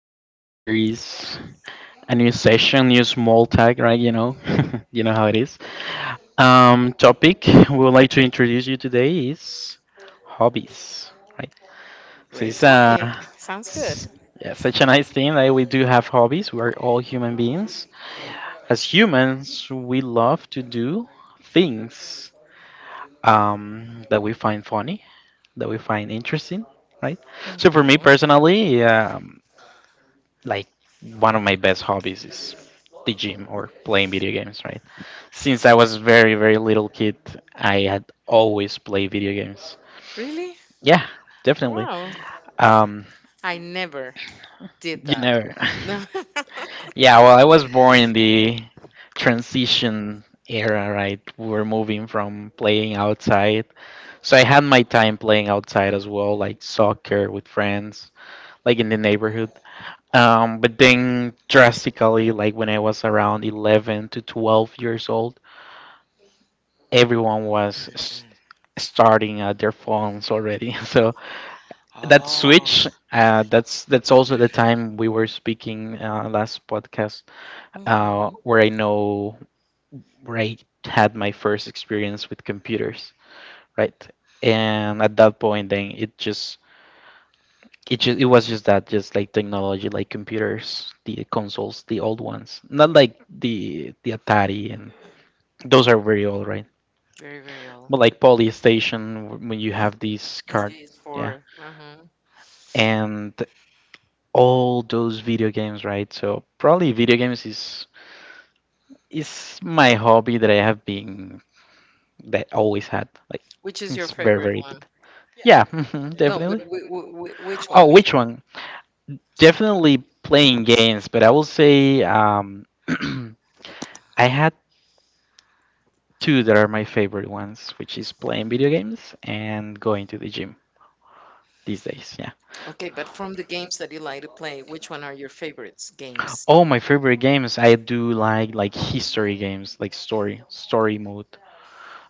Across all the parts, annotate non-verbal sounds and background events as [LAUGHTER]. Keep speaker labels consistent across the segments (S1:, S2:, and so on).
S1: everyone. Here is a new session, new small tag, right? You know, [LAUGHS] you know how it is. Topic we would like to introduce you today is hobbies, right? So
S2: Great
S1: it's
S2: topic. [LAUGHS] Sounds good.
S1: s- yeah, such a nice thing that we do have hobbies. We are all human beings. As humans, we love to do things, that we find funny, that we find interesting, right? So for me
S2: Mhm.
S1: personally, yeah. Like one of my best hobbies is the gym or playing video games, right? Since I was very, very little kid, I had always played video games.
S2: Really?
S1: Yeah, definitely.
S2: Wow.
S1: Um,
S2: I never did
S1: you
S2: that.
S1: know,
S2: [LAUGHS] No.
S1: [LAUGHS] yeah, well, I was born in the transition era, right? We were moving from playing outside. So I had my time playing outside as well, like soccer with friends, like in the neighborhood. But then drastically, like when I was around 11 to 12 years old, everyone was starting at their phones already. [LAUGHS] So that switch, that's also the time we were speaking last podcast, uh,
S2: Mhm.
S1: where I know where I had my first experience with computers, right? And at that point, then it was just that, just like technology, like computers, the consoles, the old ones. Not like the Atari, and those are very old, right?
S2: Very, very old.
S1: But like Polystation, when you have these
S2: It
S1: card,
S2: is
S1: yeah,
S2: for. Mhm.
S1: and all those video games, right? So probably video games is my hobby that I always had. Like
S2: Which is your
S1: it's very
S2: favorite
S1: very
S2: one?
S1: good. Yeah, [LAUGHS]
S2: No,
S1: definitely.
S2: but which
S1: Oh,
S2: one?
S1: which one? Definitely playing games, but I will say [CLEARS THROAT] I had two that are my favorite ones, which is playing video games and going to the gym these days. Yeah.
S2: Okay, but from the games that you like to play, which one are your favorites games?
S1: Oh, my favorite games. I do like history games, like story mode.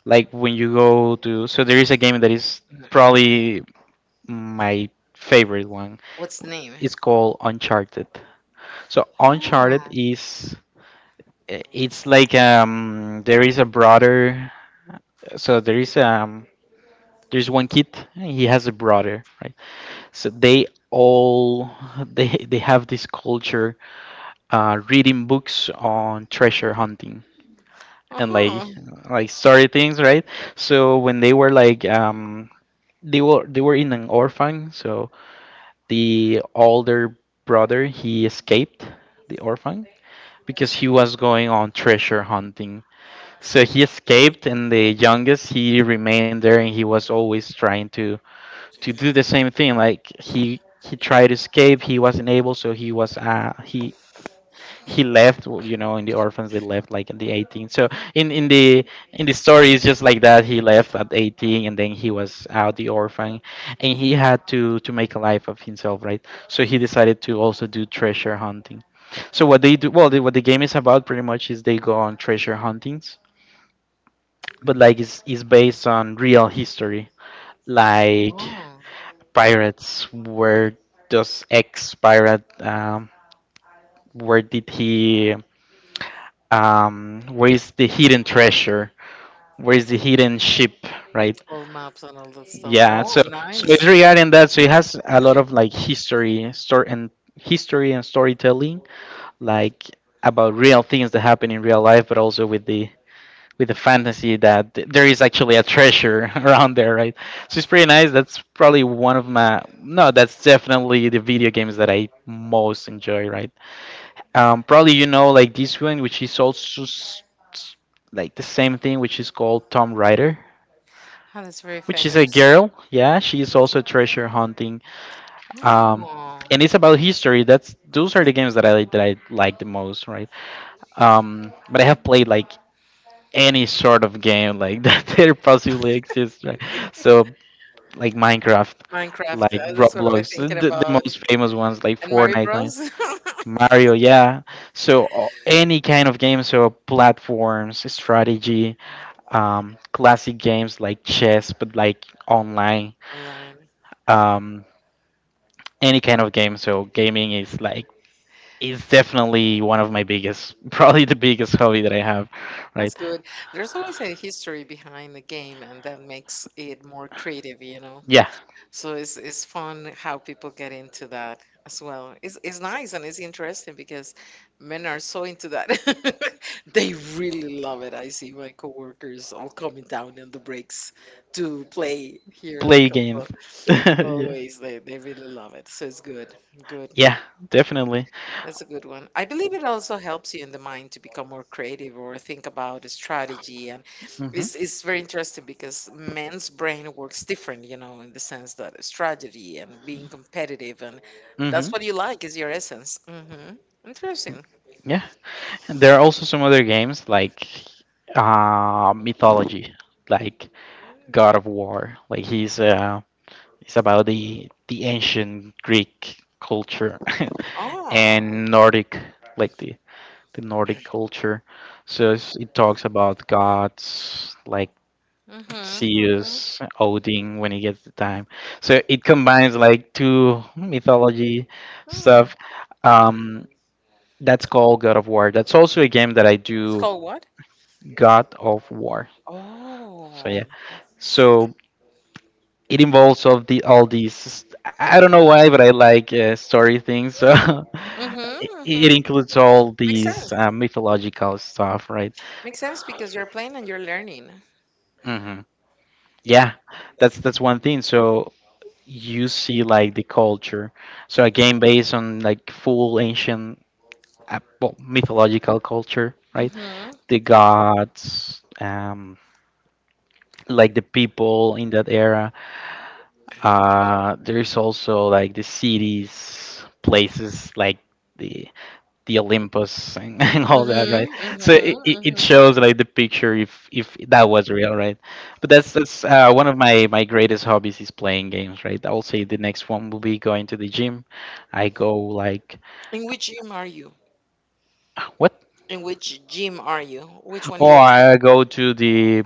S1: Like when you go to so there is a game that is
S2: Mhm.
S1: probably my favorite one.
S2: What's the name?
S1: It's called Uncharted. So
S2: Oh,
S1: Uncharted is, it's like, there is a brother. So there's one kid. He has a brother, right? So they all [LAUGHS] they have this culture, reading books on treasure hunting, and like
S2: uh-huh.
S1: like story things, right? So when they were in an orphan, so the older brother, he escaped the orphan because he was going on treasure hunting. So he escaped, and the youngest, he remained there, and he was always trying to do the same thing. Like he tried to escape, he wasn't able, so he was he left. You know, in the orphans they left like at the 18. So in in the in the story it's just like that. He left at 18, and then he was out the orphan, and he had to make a life of himself, right? So he decided to also do treasure hunting. So what they do, well, what the game is about pretty much is they go on treasure huntings, but like it's based on real history, like
S2: Oh,
S1: pirates, where does ex pirate, where did he, where is the hidden treasure, where is the hidden ship, right?
S2: world maps and all that stuff. Yeah.
S1: Yeah,
S2: Oh,
S1: so
S2: so, so
S1: so it's
S2: nice.
S1: regarding that. So it has a lot of like history and storytelling, like about real things that happen in real life but also with the fantasy that there is actually a treasure [LAUGHS] around there, right? So it's pretty nice. That's probably one of my, no, that's definitely the video games that I most enjoy, right? Probably you know like this one, which is also s- like the same thing, which is called Tom Raider,
S2: Ah, that's very
S1: which is a
S2: famous.
S1: girl. Yeah, she is also treasure hunting. Um,
S2: Oh,
S1: and it's about history. That's those are the games that I like the most, right? But I have played like any sort of game, like [LAUGHS] that there possibly exists, right? So like Minecraft,
S2: like Minecraft.
S1: like
S2: Like that's what I was
S1: Roblox,
S2: thinking like
S1: the
S2: about.
S1: most famous ones like
S2: And Mario, yeah.
S1: Fortnite, like
S2: Bros.
S1: Mario, yeah. So any kind of game, so platforms, strategy, classic games like chess, but like online,
S2: [LAUGHS] Online.
S1: um, any kind of game. So gaming is definitely one of my biggest, [LAUGHS] probably the biggest hobby that I have,
S2: That's
S1: right?
S2: good. There's always a history behind the game, and that makes it more creative, you know?
S1: Yeah.
S2: So it's fun how people get into that as well. It's nice, and it's interesting because men are so into that. [LAUGHS] They really love it. I see my coworkers all coming down in the breaks to play here at the
S1: Play games.
S2: console.
S1: [LAUGHS] Yeah.
S2: Always they really love it. So it's good. Good.
S1: Yeah, definitely.
S2: That's a good one. I believe it also helps you in the mind to become more creative or think about a strategy. And
S1: Hmm.
S2: it's very interesting, because men's brain works different, you know, in the sense that strategy and being competitive and that's what you like is your essence. Hmm.
S1: Hmm.
S2: Interesting.
S1: Yeah. And there are also some other games, like mythology, like God of War. Like he's it's about the ancient Greek culture [LAUGHS]
S2: Oh.
S1: and Nordic, like the Nordic culture. So it talks about gods like
S2: Mm-hmm.
S1: Zeus, Odin, when he gets the time. So it combines like two mythology
S2: Mm.
S1: stuff. Um, that's called God of War. That's also a game that I
S2: It's
S1: do.
S2: called what?
S1: God of War. So
S2: Oh.
S1: yeah. So it involves all these. I don't know why, but I like, story things. So [LAUGHS] it,
S2: Mm-hmm. Mm-hmm.
S1: it includes all
S2: Makes sense.
S1: these mythological stuff, right?
S2: Makes sense because you're playing and you're learning.
S1: Hmm. Yeah, that's one thing. So you see like the culture. So a game based on like full ancient, well, mythological culture,
S2: Hmm.
S1: right?
S2: Mm-hmm.
S1: The gods, like the people in that era. There is also like the cities, places like the the Olympus, [LAUGHS] and all that, right?
S2: Mm-hmm.
S1: So it
S2: Mm-hmm.
S1: shows like the picture if that was real, right? But that's one of my greatest hobbies is playing games, right? I'll say the next one will be going to the gym. I go like
S2: In which gym are you?
S1: what?
S2: In which gym are you? Which one
S1: Oh,
S2: you attend?
S1: I go to the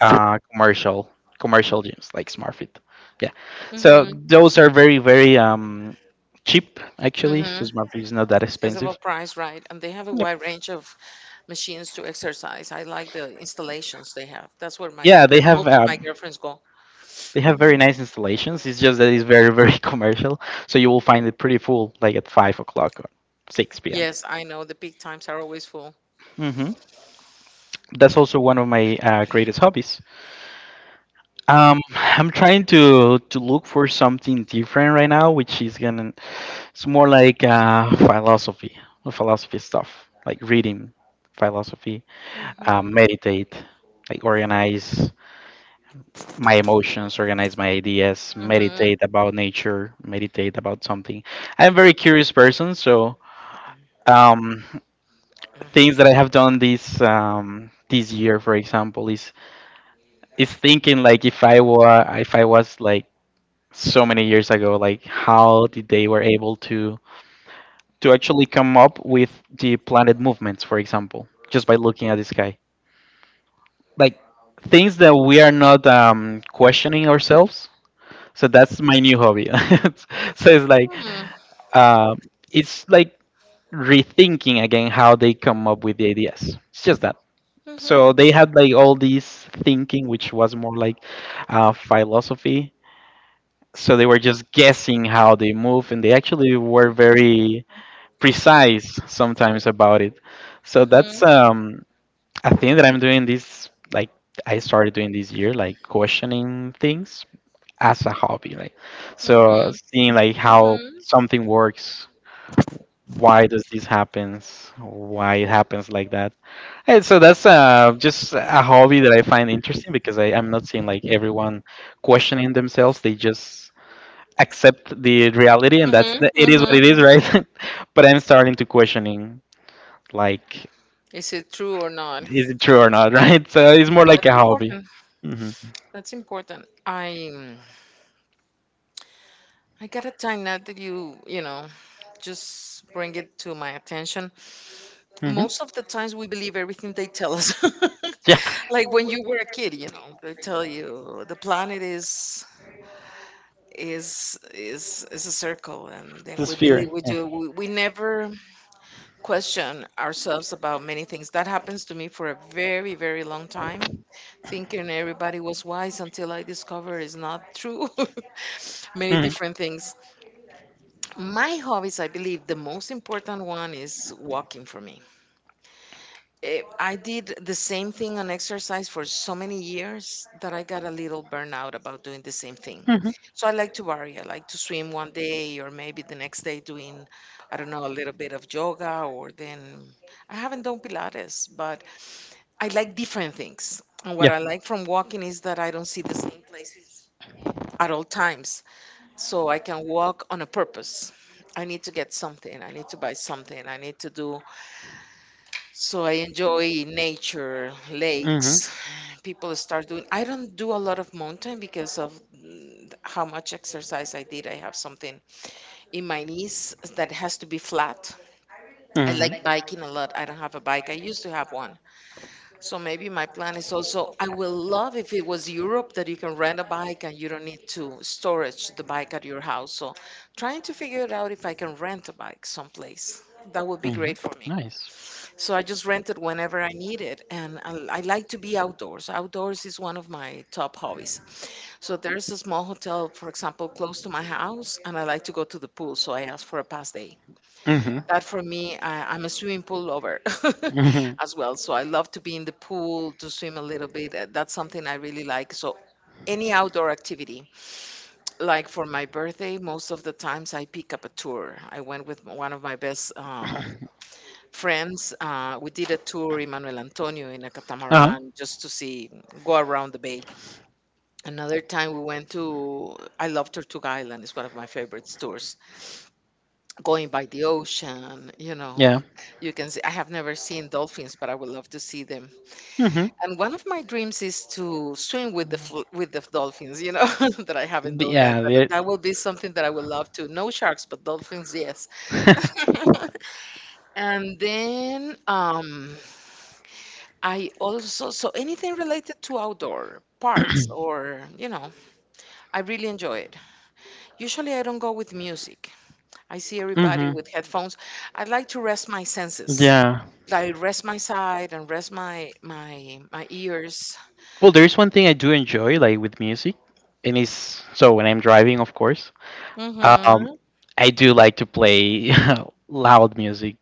S1: uh, commercial commercial gyms like SmartFit. Yeah, so
S2: Mm-hmm.
S1: those are very very cheap actually. So
S2: Mm-hmm.
S1: SmartFit is not that
S2: Accessible
S1: expensive.
S2: price, right? And they have a
S1: Yep.
S2: wide range of machines to exercise. I like the installations they have. That's
S1: Yeah, they
S2: where
S1: have
S2: most of my
S1: um,
S2: girlfriends go.
S1: They have
S2: Hmm.
S1: very nice installations. It's just that it's very, very [LAUGHS] commercial. So you will find it pretty full, like at 5 o'clock or 6 p.m.
S2: Yes, I know the peak times are always full.
S1: Yes. Hmm. That's also one of my greatest hobbies. [LAUGHS] I'm trying to look for something different right now, it's more like, philosophy stuff, like reading philosophy,
S2: Mm-hmm.
S1: meditate, like organize my emotions, organize my ideas,
S2: Mm-hmm.
S1: meditate about nature, meditate about something. I'm a very curious person, so um,
S2: Mm-hmm.
S1: things that I have done this year, for example, is thinking like, if I was like so many years ago, like how did they were able to actually come up with the planet movements, for example, just by looking at the sky, like things that we are not, questioning ourselves. So that's my new hobby. [LAUGHS] So
S2: Mm-hmm.
S1: uh, it's like rethinking again how they come up with the ideas. It's just that, so they had like all these thinking, which was more like, philosophy. So they were just guessing how they move, and they actually were very precise sometimes about it. So that's, a thing that I'm doing this, like, I started doing this year, like, questioning things as a hobby, like, so seeing
S2: Mm-hmm.
S1: like how something works. why
S2: Mm-hmm.
S1: does this happens why it happens like that, and so that's, just a hobby that I find interesting because I'm not seeing like everyone questioning themselves, they just accept the reality, and that's,
S2: Mhm,
S1: it is what
S2: mhm.
S1: it is, right? [LAUGHS] But I'm starting to questioning like,
S2: Is it true or not?
S1: is it true or not? [LAUGHS] Right, so it's more like a hobby.
S2: Important.
S1: Hmm.
S2: That's important. Mm, I gotta time now that you know just bring it to my attention.
S1: Hmm.
S2: Most of the times we believe everything they tell us.
S1: Yeah.
S2: [LAUGHS] Like when you were a kid, they tell you the planet is is a circle, and then
S1: The
S2: we
S1: sphere.
S2: believe we do. We never question ourselves about many things. That happens to me for a very, very long time, thinking everybody was wise until I discover it's not true. [LAUGHS] Many
S1: Hmm.
S2: different things. My hobbies, I believe, the most important one is walking for me. I did the same thing on exercise for so many years that I got a little burnout about doing the same thing.
S1: Hmm.
S2: So I like to vary. I like to swim one day or maybe the next day doing, I don't know, a little bit of yoga or then I haven't done Pilates, but I like different things. And what
S1: Yeah.
S2: I
S1: Like.
S2: like from walking is that I don't see the same places at all times. So I can walk on a purpose. I need to get something. I need to buy something. I need to do.
S1: So.
S2: So I enjoy nature,
S1: Hmm.
S2: lakes. People start doing. I don't do a lot of mountain because of how much exercise I did. I have something in my knees that has to be flat. I
S1: Hmm. Like.
S2: like biking a lot. I don't have a bike. I used to have one, so maybe my plan is also I will love if it was Europe that you can rent a bike and you don't need to storage the bike at your house. So trying to figure it out if I can rent a bike someplace. That would be great
S1: Hmm.
S2: for me.
S1: Nice.
S2: So I just rent it whenever I need it. And I like to be outdoors. Outdoors is one of my top hobbies. So there's a small hotel, for example, close to my house, and I like to go to the pool. So I asked for a past day.
S1: Hmm.
S2: That for me, I'm a swimming pool lover [LAUGHS]
S1: Hmm.
S2: as well. So I love to be in the pool, to swim a little bit. That's something I really like. So any outdoor activity, like for my birthday, most of the times I pick up a tour. I went with one of my best
S1: [COUGHS]
S2: friends. We did a tour, Emmanuel Antonio, in a
S1: Uh-huh.
S2: catamaran just to see, go around the bay. Another time we went to, I love Tortuga Island, it's one of my favorite tours, going by the ocean,
S1: Yeah.
S2: you can see. I have never seen dolphins, but I would love to see them.
S1: Mm-hmm.
S2: And one of my dreams is to swim with the dolphins. You know [LAUGHS] that I haven't
S1: But
S2: done that,
S1: yeah,
S2: but
S1: we're
S2: that will
S1: [LAUGHS]
S2: be something that I would love to. No sharks, but dolphins, yes. [LAUGHS] And then I also so anything related to outdoor parks or I really enjoy it. Usually, I don't go with music. I see everybody
S1: mm-hmm.
S2: with headphones. I like to rest my senses,
S1: Yeah.
S2: I rest my side and rest my ears.
S1: Well, there is one thing I do enjoy, like with music, and it's, so when I'm driving, of course. Um,
S2: Hmm.
S1: I do like to play [LAUGHS] loud music,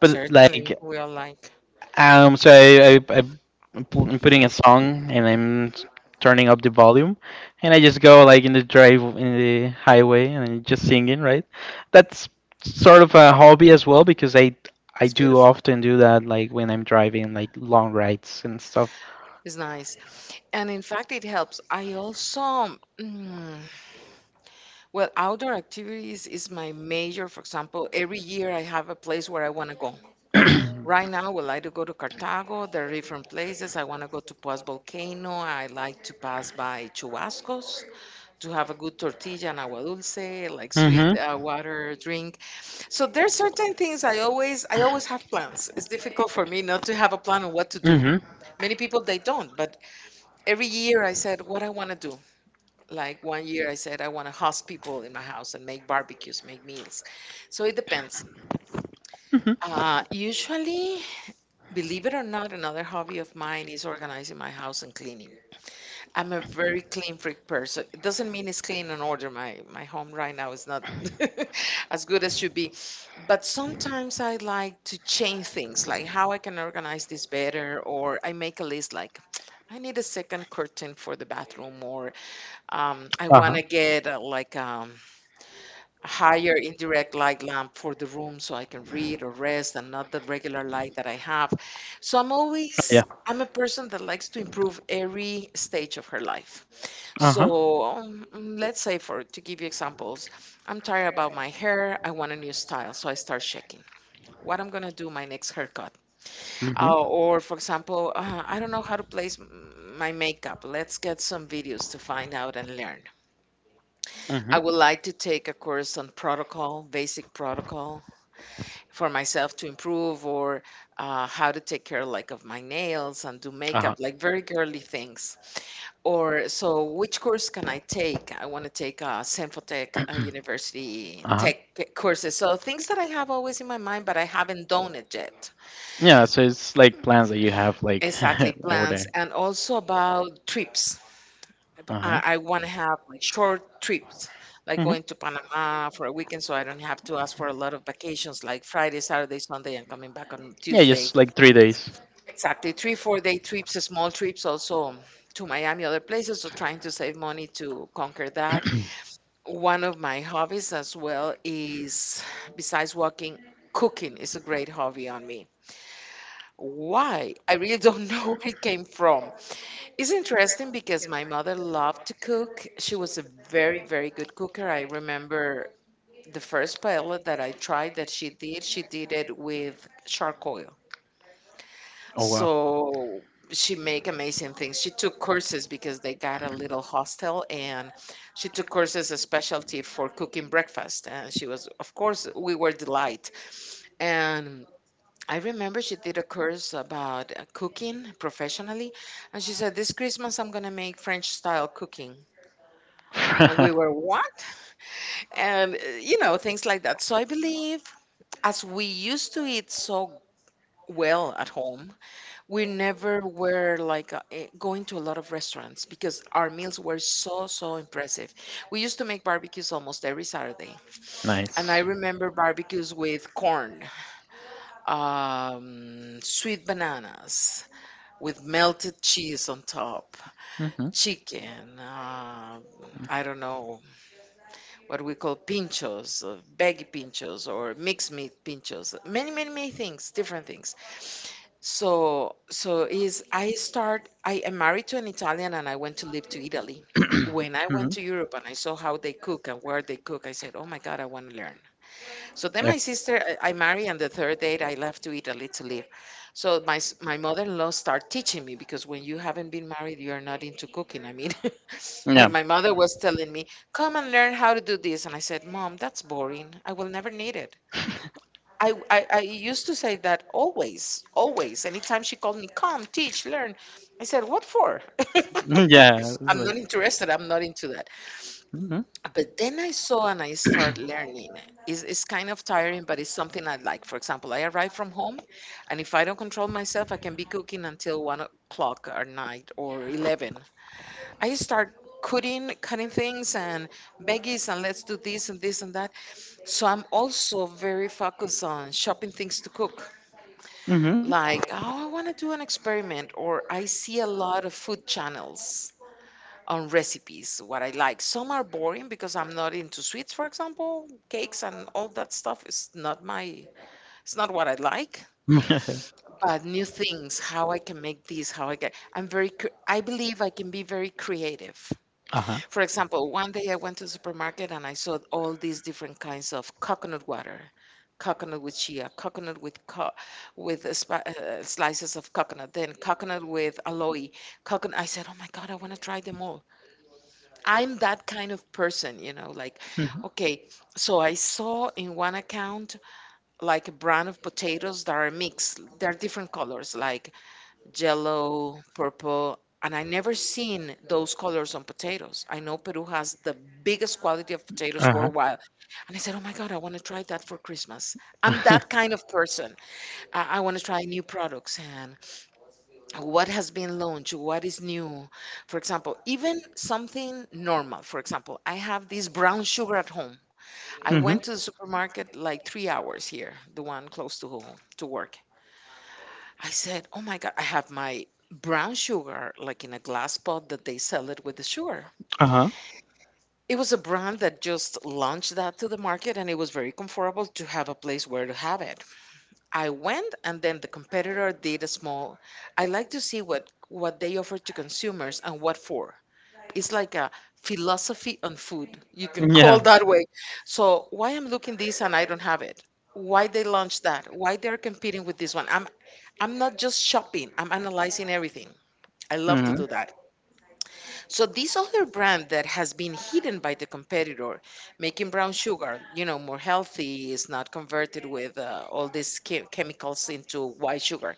S1: but
S2: Certainly,
S1: like.
S2: we are like
S1: So I'm putting a song, and I'm turning up the volume, and I just go like in the highway, and I'm just singing. Right, that's sort of a hobby as well because I
S2: it's
S1: do
S2: beautiful.
S1: often do that, like when I'm driving, like long rides and stuff.
S2: It's nice, and in fact, it helps. I also mm, well, outdoor activities is my major. For example, every year I have a place where I want to go. Right now, well, I like to go to Cartago. There are different places. I want to go to Paz Volcano. I like to pass by Chubascos, to have a good tortilla and agua dulce, like sweet
S1: Mm-hmm.
S2: water drink. So there's certain things I always have plans. It's difficult for me not to have a plan on what to do.
S1: Mm-hmm.
S2: Many people they don't, but every year I said what I want to do. Like one year I said I want to host people in my house and make barbecues, make meals. So it depends.
S1: Mm-hmm.
S2: Usually, believe it or not, another hobby of mine is organizing my house and cleaning. I'm a very clean freak person. It doesn't mean it's clean and order. My home right now is not [LAUGHS] as good as should be. But sometimes I like to change things, like how I can organize this better, or I make a list like [TSK] I need a second curtain for the bathroom, or I want
S1: Uh-huh.
S2: to get like a higher indirect light lamp for the room so I can read or rest and not the regular light that I have. So I'm
S1: Yeah.
S2: always, I'm a person that likes to improve every stage of her life.
S1: Uh-huh.
S2: So let's say for to give you examples, I'm tired about my hair. I want a new style, so I start checking what I'm gonna do my next haircut.
S1: Mm-hmm.
S2: Or for example, I don't know how to place my makeup. Let's get some videos to find out and learn. I would
S1: Mm-hmm.
S2: like to take a course on protocol, basic protocol for myself to improve or how to take care like of my nails and do
S1: Uh-huh.
S2: makeup like very girly things, or so which course can I take? I want to take Sinfotech university
S1: Uh-huh.
S2: tech courses, so things that I have always in my mind but I haven't done it yet.
S1: Yeah, so it's like plans that you have, like
S2: Exactly,
S1: [LAUGHS] every day.
S2: plans and also about trips. Ab-
S1: Uh-huh.
S2: i, I want to have like short trips, like
S1: Hmm.
S2: going to Panama for a weekend so I don't have to ask for a lot of vacations, like Friday, Saturday, Sunday, and coming back on
S1: Yeah,
S2: Tuesday.
S1: just like 3 days.
S2: Exactly. Three, four day trips, small trips also to Miami, other places. So trying to save money to conquer that. One of my hobbies as well is, [SIGHS] besides walking, cooking is a great hobby on me. Why? I really don't [LAUGHS] know where it came from. It's interesting because my mother loved to cook. She was a very, very good cooker. I remember the first paella that I tried that she did it with charcoal.
S1: Oh wow.
S2: So she make amazing things. She took courses because they got a little hostel and she took courses a specialty for cooking breakfast and she was of course we were delight. And I remember she did a course about cooking professionally and she said this Christmas I'm going to make French style cooking. And we were
S1: [LAUGHS]
S2: what? And you know things like that. So I believe as we used to eat so well at home we never were like going to a lot of restaurants because our meals were so so impressive. We used to make barbecues almost every Saturday and I
S1: Nice.
S2: remember barbecues with corn, sweet bananas with melted cheese on top,
S1: Hmm.
S2: chicken, I don't know what we call pinchos, baggy pinchos, or mixed meat pinchos. Many, many, many things, different things. So is I start. I am married to an Italian, and I went to live to Italy. [CLEARS THROAT] When I went
S1: Hmm.
S2: to Europe and I saw how they cook and where they cook, I said, "Oh my God, I want to learn." So then
S1: Yeah.
S2: my sister, I marry on the third date. I left to Italy to live. So my mother-in-law started teaching me because when you haven't been married, you are not into cooking. I mean, [LAUGHS]
S1: Yeah.
S2: and my mother was telling me, "Come and learn how to do this," and I said, "Mom, that's boring. I will never need it." I used to say that always, always. Anytime she called me, come, teach, learn. I said, what for?
S1: [LAUGHS]
S2: [LAUGHS]
S1: Yeah. It's
S2: I'm not
S1: like.
S2: interested. I'm not into that.
S1: Hmm.
S2: But then I saw and I start learning. It's kind of tiring, but it's something I like. For example, I arrive from home, and if I don't control myself, I can be cooking until 1 o'clock at night or 11. I start cutting, cutting things and veggies, and let's do this and this and that. So I'm also very focused on shopping things to cook.
S1: Hmm.
S2: Like, oh, I want to do an experiment, or I see a lot of food channels on recipes, what I like. Some are boring because I'm not into sweets, for example. Cakes and all that stuff is not my, it's not what I like.
S1: [LAUGHS]
S2: But new things, how I can make this, how I can, I'm very, I believe I can be very creative.
S1: Uh-huh.
S2: For example, one day I went to the supermarket and I saw all these different kinds of coconut water. Coconut with chia, slices of coconut, then coconut with aloe. Coconut. I said, "Oh my God, I want to try them all." I'm that kind of person, like,
S1: Mhm.
S2: okay, so I saw in one account like a brand of potatoes that are mixed. They're different colors, like yellow, purple, and I never seen those colors on potatoes. I know Peru has the biggest quality of potatoes
S1: Uh-huh.
S2: worldwide. And I said, oh my God, I want to try that for Christmas. I'm that kind of
S1: [LAUGHS]
S2: person. I want to try new products, and what has been launched, what is new. For example, even something normal. For example, I have this brown sugar at home. I
S1: Mm-hmm.
S2: went to the supermarket like 3 hours here, the one close to home, to work. I said, oh my God, I have my brown sugar like in a glass pot that they sell it with the sugar.
S1: Uh-huh.
S2: It was a brand that just launched that to the market and it was very comfortable to have a place where to have it. I went and then the competitor did a small, I like to see what they offer to consumers and what for. It's like a philosophy on food. You can call
S1: Yeah.
S2: that way. So why I'm looking this and I don't have it? Why they launched that? Why they're competing with this one? I'm not just shopping. I'm analyzing everything. I love to
S1: Mm-hmm. [LAUGHS]
S2: do that. So this other brand that has been hidden by the competitor, making brown sugar, you know, more healthy, is not converted with all these chemicals into white sugar,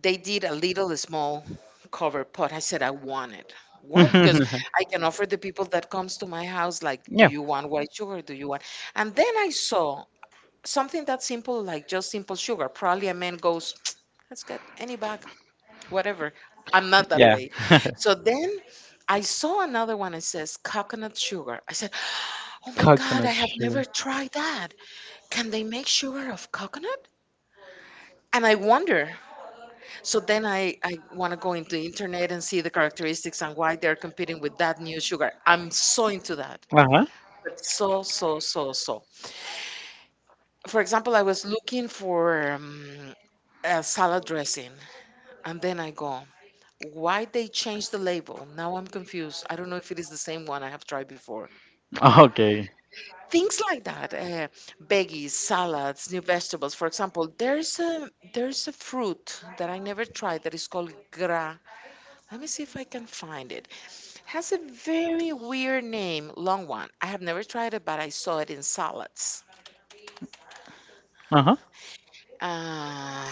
S2: they did a little small cover pot. I said I want it. Why? Because I can offer the people that comes to my house like, do
S1: Yeah.
S2: you want white sugar? Do you want? And then I saw something that simple, like just simple sugar. Probably a man goes, [TSK] let's get any bag, whatever. I'm not that
S1: Yeah.
S2: way.
S1: [LAUGHS]
S2: So then I saw another one that says coconut sugar. I said, oh my God, I
S1: Coconut
S2: have never
S1: sugar.
S2: tried that. Can they make sugar of coconut? And I wonder. So then I want to go into the internet and see the characteristics and why they're competing with that new sugar. I'm so into that,
S1: Tried that.
S2: but so. For example, I was looking for a salad dressing, and then I go, why they change the label? Now I'm confused. I don't know if it is the same one I have tried before.
S1: [LAUGHS] Okay.
S2: Things like that, veggies, salads, new vegetables. For example, there's a fruit that I never tried that is called gra. Let me see if I can find it. Has a very weird name, long one. I have never tried it, but I saw it in salads.
S1: Uh huh.
S2: Uh,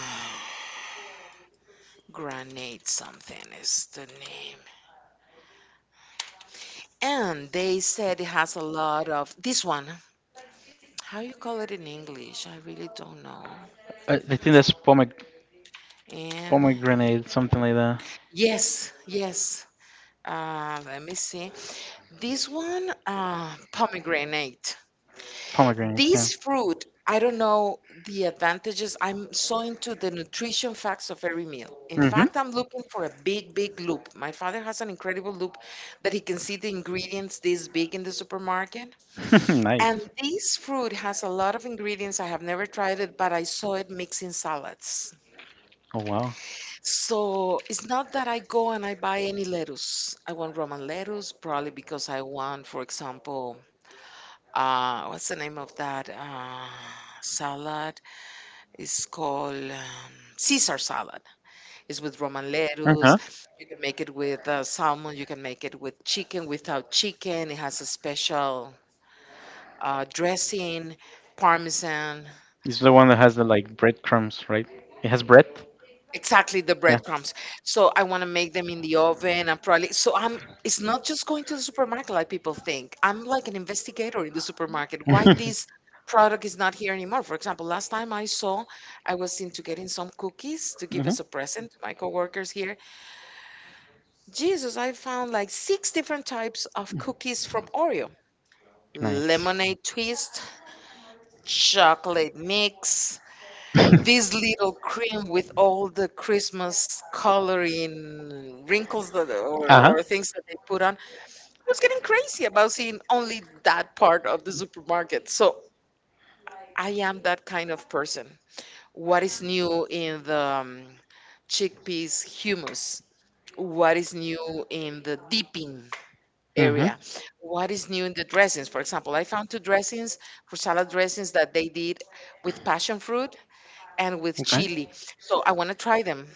S2: granate something is the name. And they said it has a lot of this one. How you call it in English? I really don't know.
S1: I think that's
S2: And
S1: pomegranate, something like that.
S2: yes, yes. Let me see. This one, pomegranate.
S1: Pomegranate. Yeah.
S2: These fruit, I don't know the advantages. I'm so into the nutrition facts of every meal. In
S1: Mhm.
S2: fact, I'm looking for a big, big loop. My father has an incredible loop that he can see the ingredients this big in the supermarket.
S1: [LAUGHS]
S2: And
S1: Nice.
S2: this fruit has a lot of ingredients. I have never tried it, but I saw it mixed in salads.
S1: Oh wow.
S2: So it's not that I go and I buy any lettuce. I want Roman lettuce, probably because I want, for example, what's the name of that salad? It's called Caesar salad. It's with Roman
S1: Uh huh.
S2: lettuce. You can make it with salmon. You can make it with chicken, without chicken. It has a special dressing, parmesan.
S1: It's the one that has the like breadcrumbs, right? It has bread.
S2: Exactly the
S1: Yeah.
S2: breadcrumbs. So I want to make them in the oven. I'm probably so I'm. It's not just going to the supermarket like people think. I'm like an investigator in the supermarket. Why
S1: Mhm.
S2: this product is not here anymore? For example, last time I saw, I was into getting some cookies to give
S1: Mhm.
S2: as a present to my coworkers here. Jesus, I found like six different types of cookies from Oreo
S1: Nice.
S2: lemonade twist, chocolate mix, this little cream with all the Christmas coloring wrinkles that, or,
S1: Uh-huh.
S2: or things that they put on. I was getting crazy about seeing only that part of the supermarket. So I am that kind of person. What is new in the chickpeas hummus? What is new in the dipping
S1: Mhm.
S2: area? What is new in the dressings? For example, I found two dressings for salad dressings that they did with passion fruit and with
S1: Okay.
S2: chili. So I want to try them.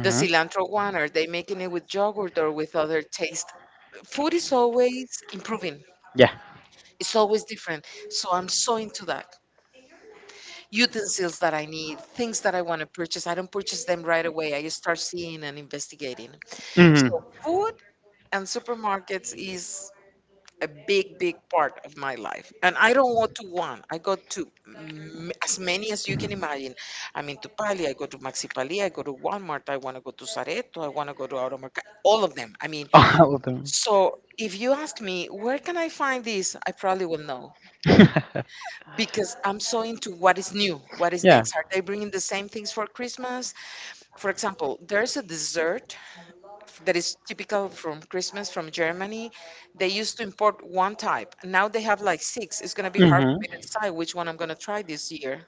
S2: The cilantro one, are they making it with yogurt or with other taste? Food is always improving.
S1: Yeah.
S2: It's always different. So I'm so into that. Utensils that I need, things that I want to purchase. I don't purchase them right away. I start seeing and investigating. So food and supermarkets is a big, big part of my life. And I don't want
S1: Mhm.
S2: to one. I go to as many as you can imagine. I'm into Pali. I go to Maxipali. I go to Walmart. I want to go to Sareto. I want to go to Automarket. All of them. I mean,
S1: [LAUGHS] All of them.
S2: so if you ask me, where can I find this? I probably will know
S1: [LAUGHS]
S2: because I'm so into what is new, what is
S1: Yeah.
S2: next. Are they bringing the same things for Christmas? For example, there's a dessert that is typical from Christmas from Germany. They used to import one type. Now they have like six. It's going to be hard for
S1: Hmm.
S2: me to decide which one I'm going to try this year.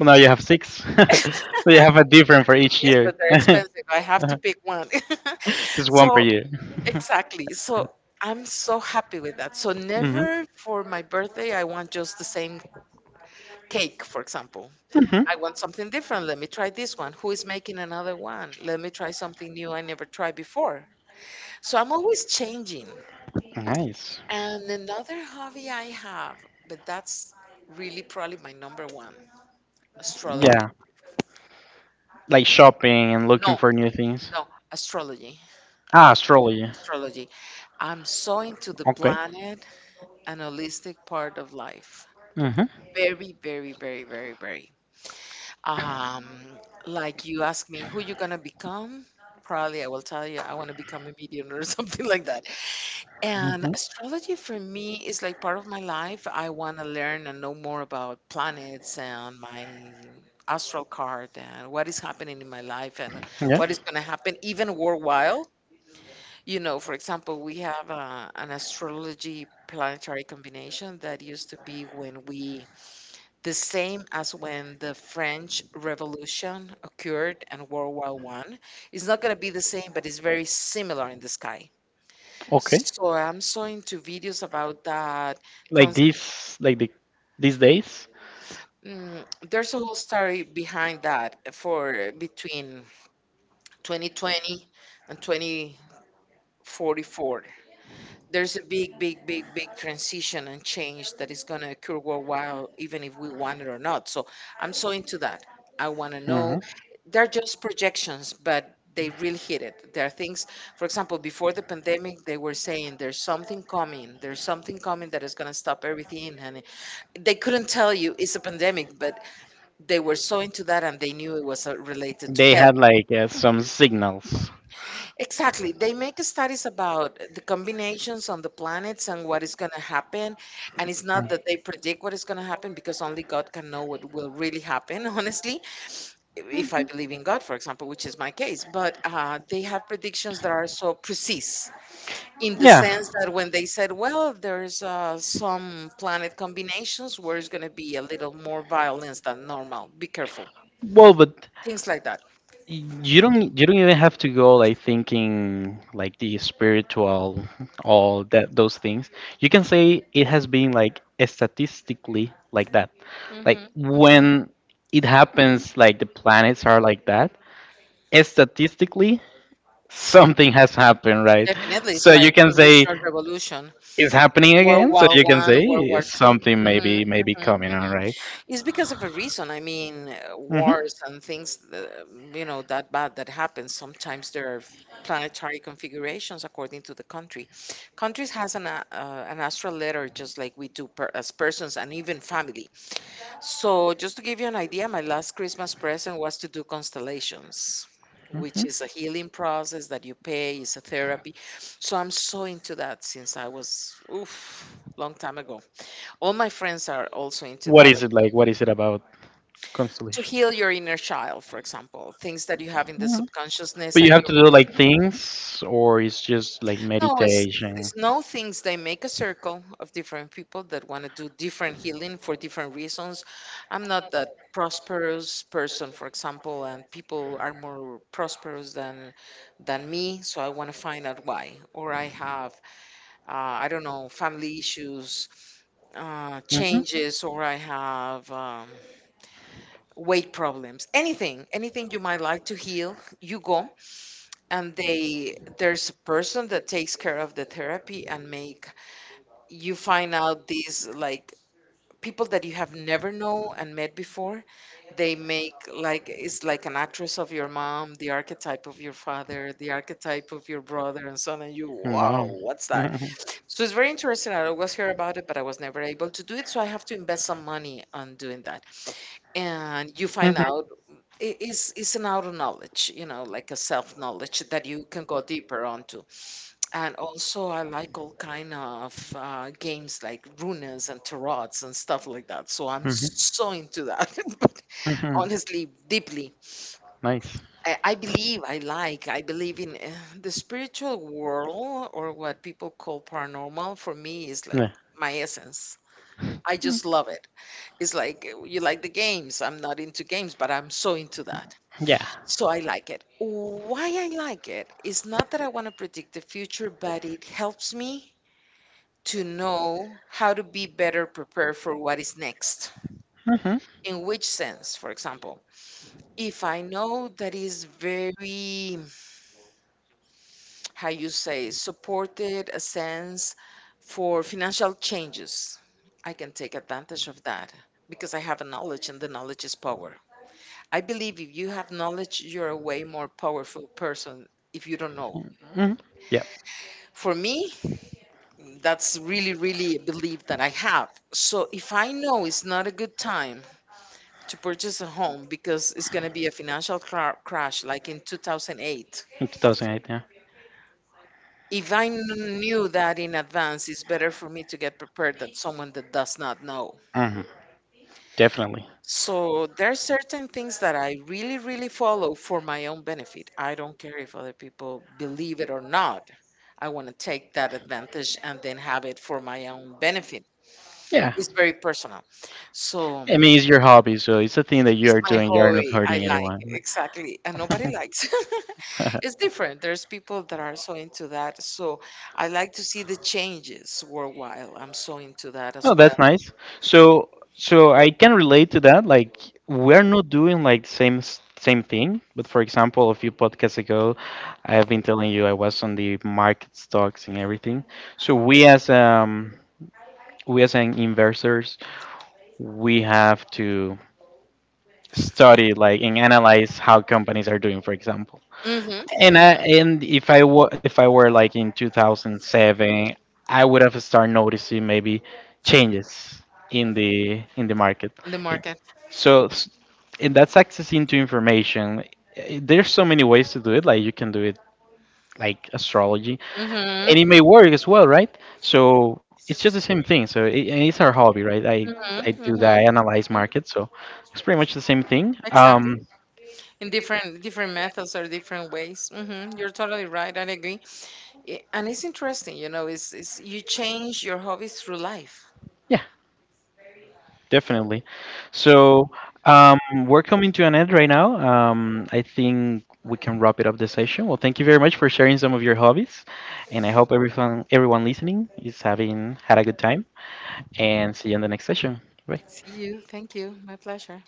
S1: Well, now you have six. [LAUGHS] So you have a different for each
S2: Yes,
S1: year.
S2: but they're
S1: [LAUGHS]
S2: expensive. I have to pick one. [LAUGHS]
S1: Just one per
S2: So,
S1: year.
S2: exactly. So, I'm so happy with that. So,
S1: Hmm.
S2: never for my birthday, I want just the same cake, for example.
S1: Hmm.
S2: I want something different. Let me try this one. Who is making another one? Let me try something new I never tried before. So, I'm always changing.
S1: Nice.
S2: And another hobby I have, but that's really probably my number one, astrology.
S1: Yeah, like shopping and looking
S2: No,
S1: for new things.
S2: no, astrology.
S1: Ah, astrology.
S2: Astrology. I'm so into the
S1: Okay.
S2: planet and holistic part of life.
S1: Mm-hmm.
S2: Very, very, very, very, very. Um, like you ask me, who you gonna become? Probably I will tell you I want to become a millionaire or [LAUGHS] something like that. And astrology for me is like part of my life. I want to learn and
S1: Mm-hmm.
S2: know more about planets and my astral card and what is happening in my life and
S1: Yeah.
S2: what is going to happen even worldwide. You know, for example, we have an astrology planetary combination that used to be when we, the same as when the French Revolution occurred and World War I. It's not going to be the same, but it's very similar in the sky,
S1: Okay.
S2: so I'm so into videos about that.
S1: Like
S2: Cons
S1: this, like these days.
S2: there's a whole story behind that for between 2020 and 2044. There's a big, big, big, big transition and change that is going to occur worldwide, even if we want it or not. So I'm so into that. I want to know. They're just projections, but they really hit it. There are things, for example, before the pandemic,
S1: Mm-hmm.
S2: they were saying there's something coming that is going to stop everything. And they couldn't tell you it's a pandemic, but they were so into that and they knew it was related to
S1: They
S2: health.
S1: had like, some signals.
S2: Exactly. They make studies about the combinations on the planets and what is going to happen. And it's not that they predict what is going to happen because only God can know what will really happen, [LAUGHS] honestly, if I believe in God, for example, which is my case. But they have predictions that are so precise in the
S1: Yeah.
S2: sense that when they said, well, there's some planet combinations where it's going to be a little more violence than normal, be careful.
S1: Well, but
S2: Things like that.
S1: you don't even have to go like thinking like the spiritual, all that those things. You can say it has been like statistically like that. Like when it happens, like the planets are like that, statistically something has happened, right?
S2: Definitely, it's
S1: So you
S2: like the
S1: can say
S2: Industrial Revolution,
S1: is happening
S2: World
S1: again, so
S2: War
S1: you can
S2: One, World
S1: say
S2: War 2.
S1: something
S2: Mm-hmm,
S1: maybe
S2: mm-hmm,
S1: coming on,
S2: mm-hmm.
S1: right?
S2: It's because of a reason. I mean,
S1: Hmm.
S2: wars and things, that, you know, that bad that happens. Sometimes there are planetary configurations according to the country. Countries has an an astral letter, just like we do per, as persons and even family. So, just to give you an idea, my last Christmas present was to do constellations, which is a healing process that you pay, it's a therapy. So, I'm so into that since I was, oof, long time ago. All my friends are also into
S1: What
S2: that.
S1: is it like? What is it about
S2: To
S1: constellation?
S2: heal your inner child, for example, things that you have in the
S1: Mhm.
S2: subconsciousness
S1: But you
S2: and
S1: have
S2: you
S1: to do
S2: really.
S1: like things, or it's just like
S2: No, it's, it's
S1: meditation.
S2: it's no things. They make a circle of different people that want to do different healing for different reasons. I'm not that prosperous person, for example, and people are more prosperous than me, so I want to find out why. Or I have, I don't know, family issues,
S1: Mhm.
S2: changes, or I have weight problems. Anything, anything you might like to heal, you go, and they there's a person that takes care of the therapy and make you find out these like people that you have never know and met before they make like it's like an actress of your mom, the archetype of your father, the archetype of your brother, and so on, and you wow
S1: Wow. [LAUGHS] Family,
S2: what's
S1: that's
S2: that.
S1: how. Hmm.
S2: So it's very interesting, I always hear about it but I was never able to do it, so I have to invest some money on doing that and you
S1: [LAUGHS]
S2: find
S1: Hmm.
S2: out. It's an outer knowledge, you know, like a self knowledge that you can go deeper onto. And also, I like all kind of games like runas and tarots and stuff like that. So I'm so into that. [LAUGHS] But
S1: Hmm.
S2: honestly, deeply,
S1: Nice.
S2: I believe I like. I believe in the spiritual world or what people call paranormal. For me, is like
S1: Yeah.
S2: my essence. I just love it. It's like you like the games. I'm not into games, but I'm so into that.
S1: Yeah.
S2: So I like it. Why I like it is not that I want to predict the future, but it helps me to know how to be better prepared for what is next.
S1: Hmm.
S2: In which sense, for example, if I know that is very, [TSK] how you say, supported a sense for financial changes, I can take advantage of that because I have a knowledge and the knowledge is power. I believe if you have knowledge, you're a way more powerful person if you don't know.
S1: Hmm. Yep.
S2: For me, that's really, really a belief that I have. So if I know it's not a good time to purchase a home because it's going to be a financial crash like in 2008.
S1: In 2008, yeah.
S2: If I knew that in advance, it's better for me to get prepared than someone that does not know.
S1: Hmm. Definitely.
S2: So there are certain things that I really, really follow for my own benefit. I don't care if other people believe it or not. I want to take that advantage and then have it for my own benefit.
S1: Yeah.
S2: It's very personal. So.
S1: I mean, it's your hobby, so it's a thing that you
S2: It's
S1: are
S2: my
S1: doing. You are not
S2: hobby. I
S1: hurting
S2: like
S1: anyone.
S2: it. Exactly. And nobody likes. [LAUGHS]
S1: [LAUGHS]
S2: It's different. There's people that are so into that. So I like to see the changes worldwide. I'm so into that as
S1: Oh,
S2: well.
S1: that's nice. So I can relate to that. Like, we're not doing like same same thing. But for example, a few podcasts ago, I have been telling you I was on the market stocks and everything. So we as, we as an investors, we have to study like and analyze how companies are doing. For example.
S2: Mm-hmm.
S1: And
S2: Hmm.
S1: I and if I were like in 2007, I would have started noticing maybe changes in the market.
S2: In the
S1: Eh,
S2: market.
S1: So, and that's accessing to information. There's so many ways to do it. Like you can do it like astrology, and it
S2: Mm-hmm.
S1: may work as well, right? So it's just the same thing. And it's our hobby, right? I
S2: Mm-hmm.
S1: do that. I
S2: Mm-hmm.
S1: analyze
S2: Mhm.
S1: markets, so it's pretty much the same thing.
S2: Exactly.
S1: Um,
S2: In different methods or different ways. Hmm. You're totally right. I agree. And it's interesting, you know, it's you change your hobbies through life.
S1: yeah. Definitely. So um, we're coming to an end right now. I think we can wrap it up the session. Well, thank you very much for sharing some of your hobbies, and I hope everyone listening is having had a good time. And see you in the next session. Bye.
S2: See you. Thank you. My pleasure.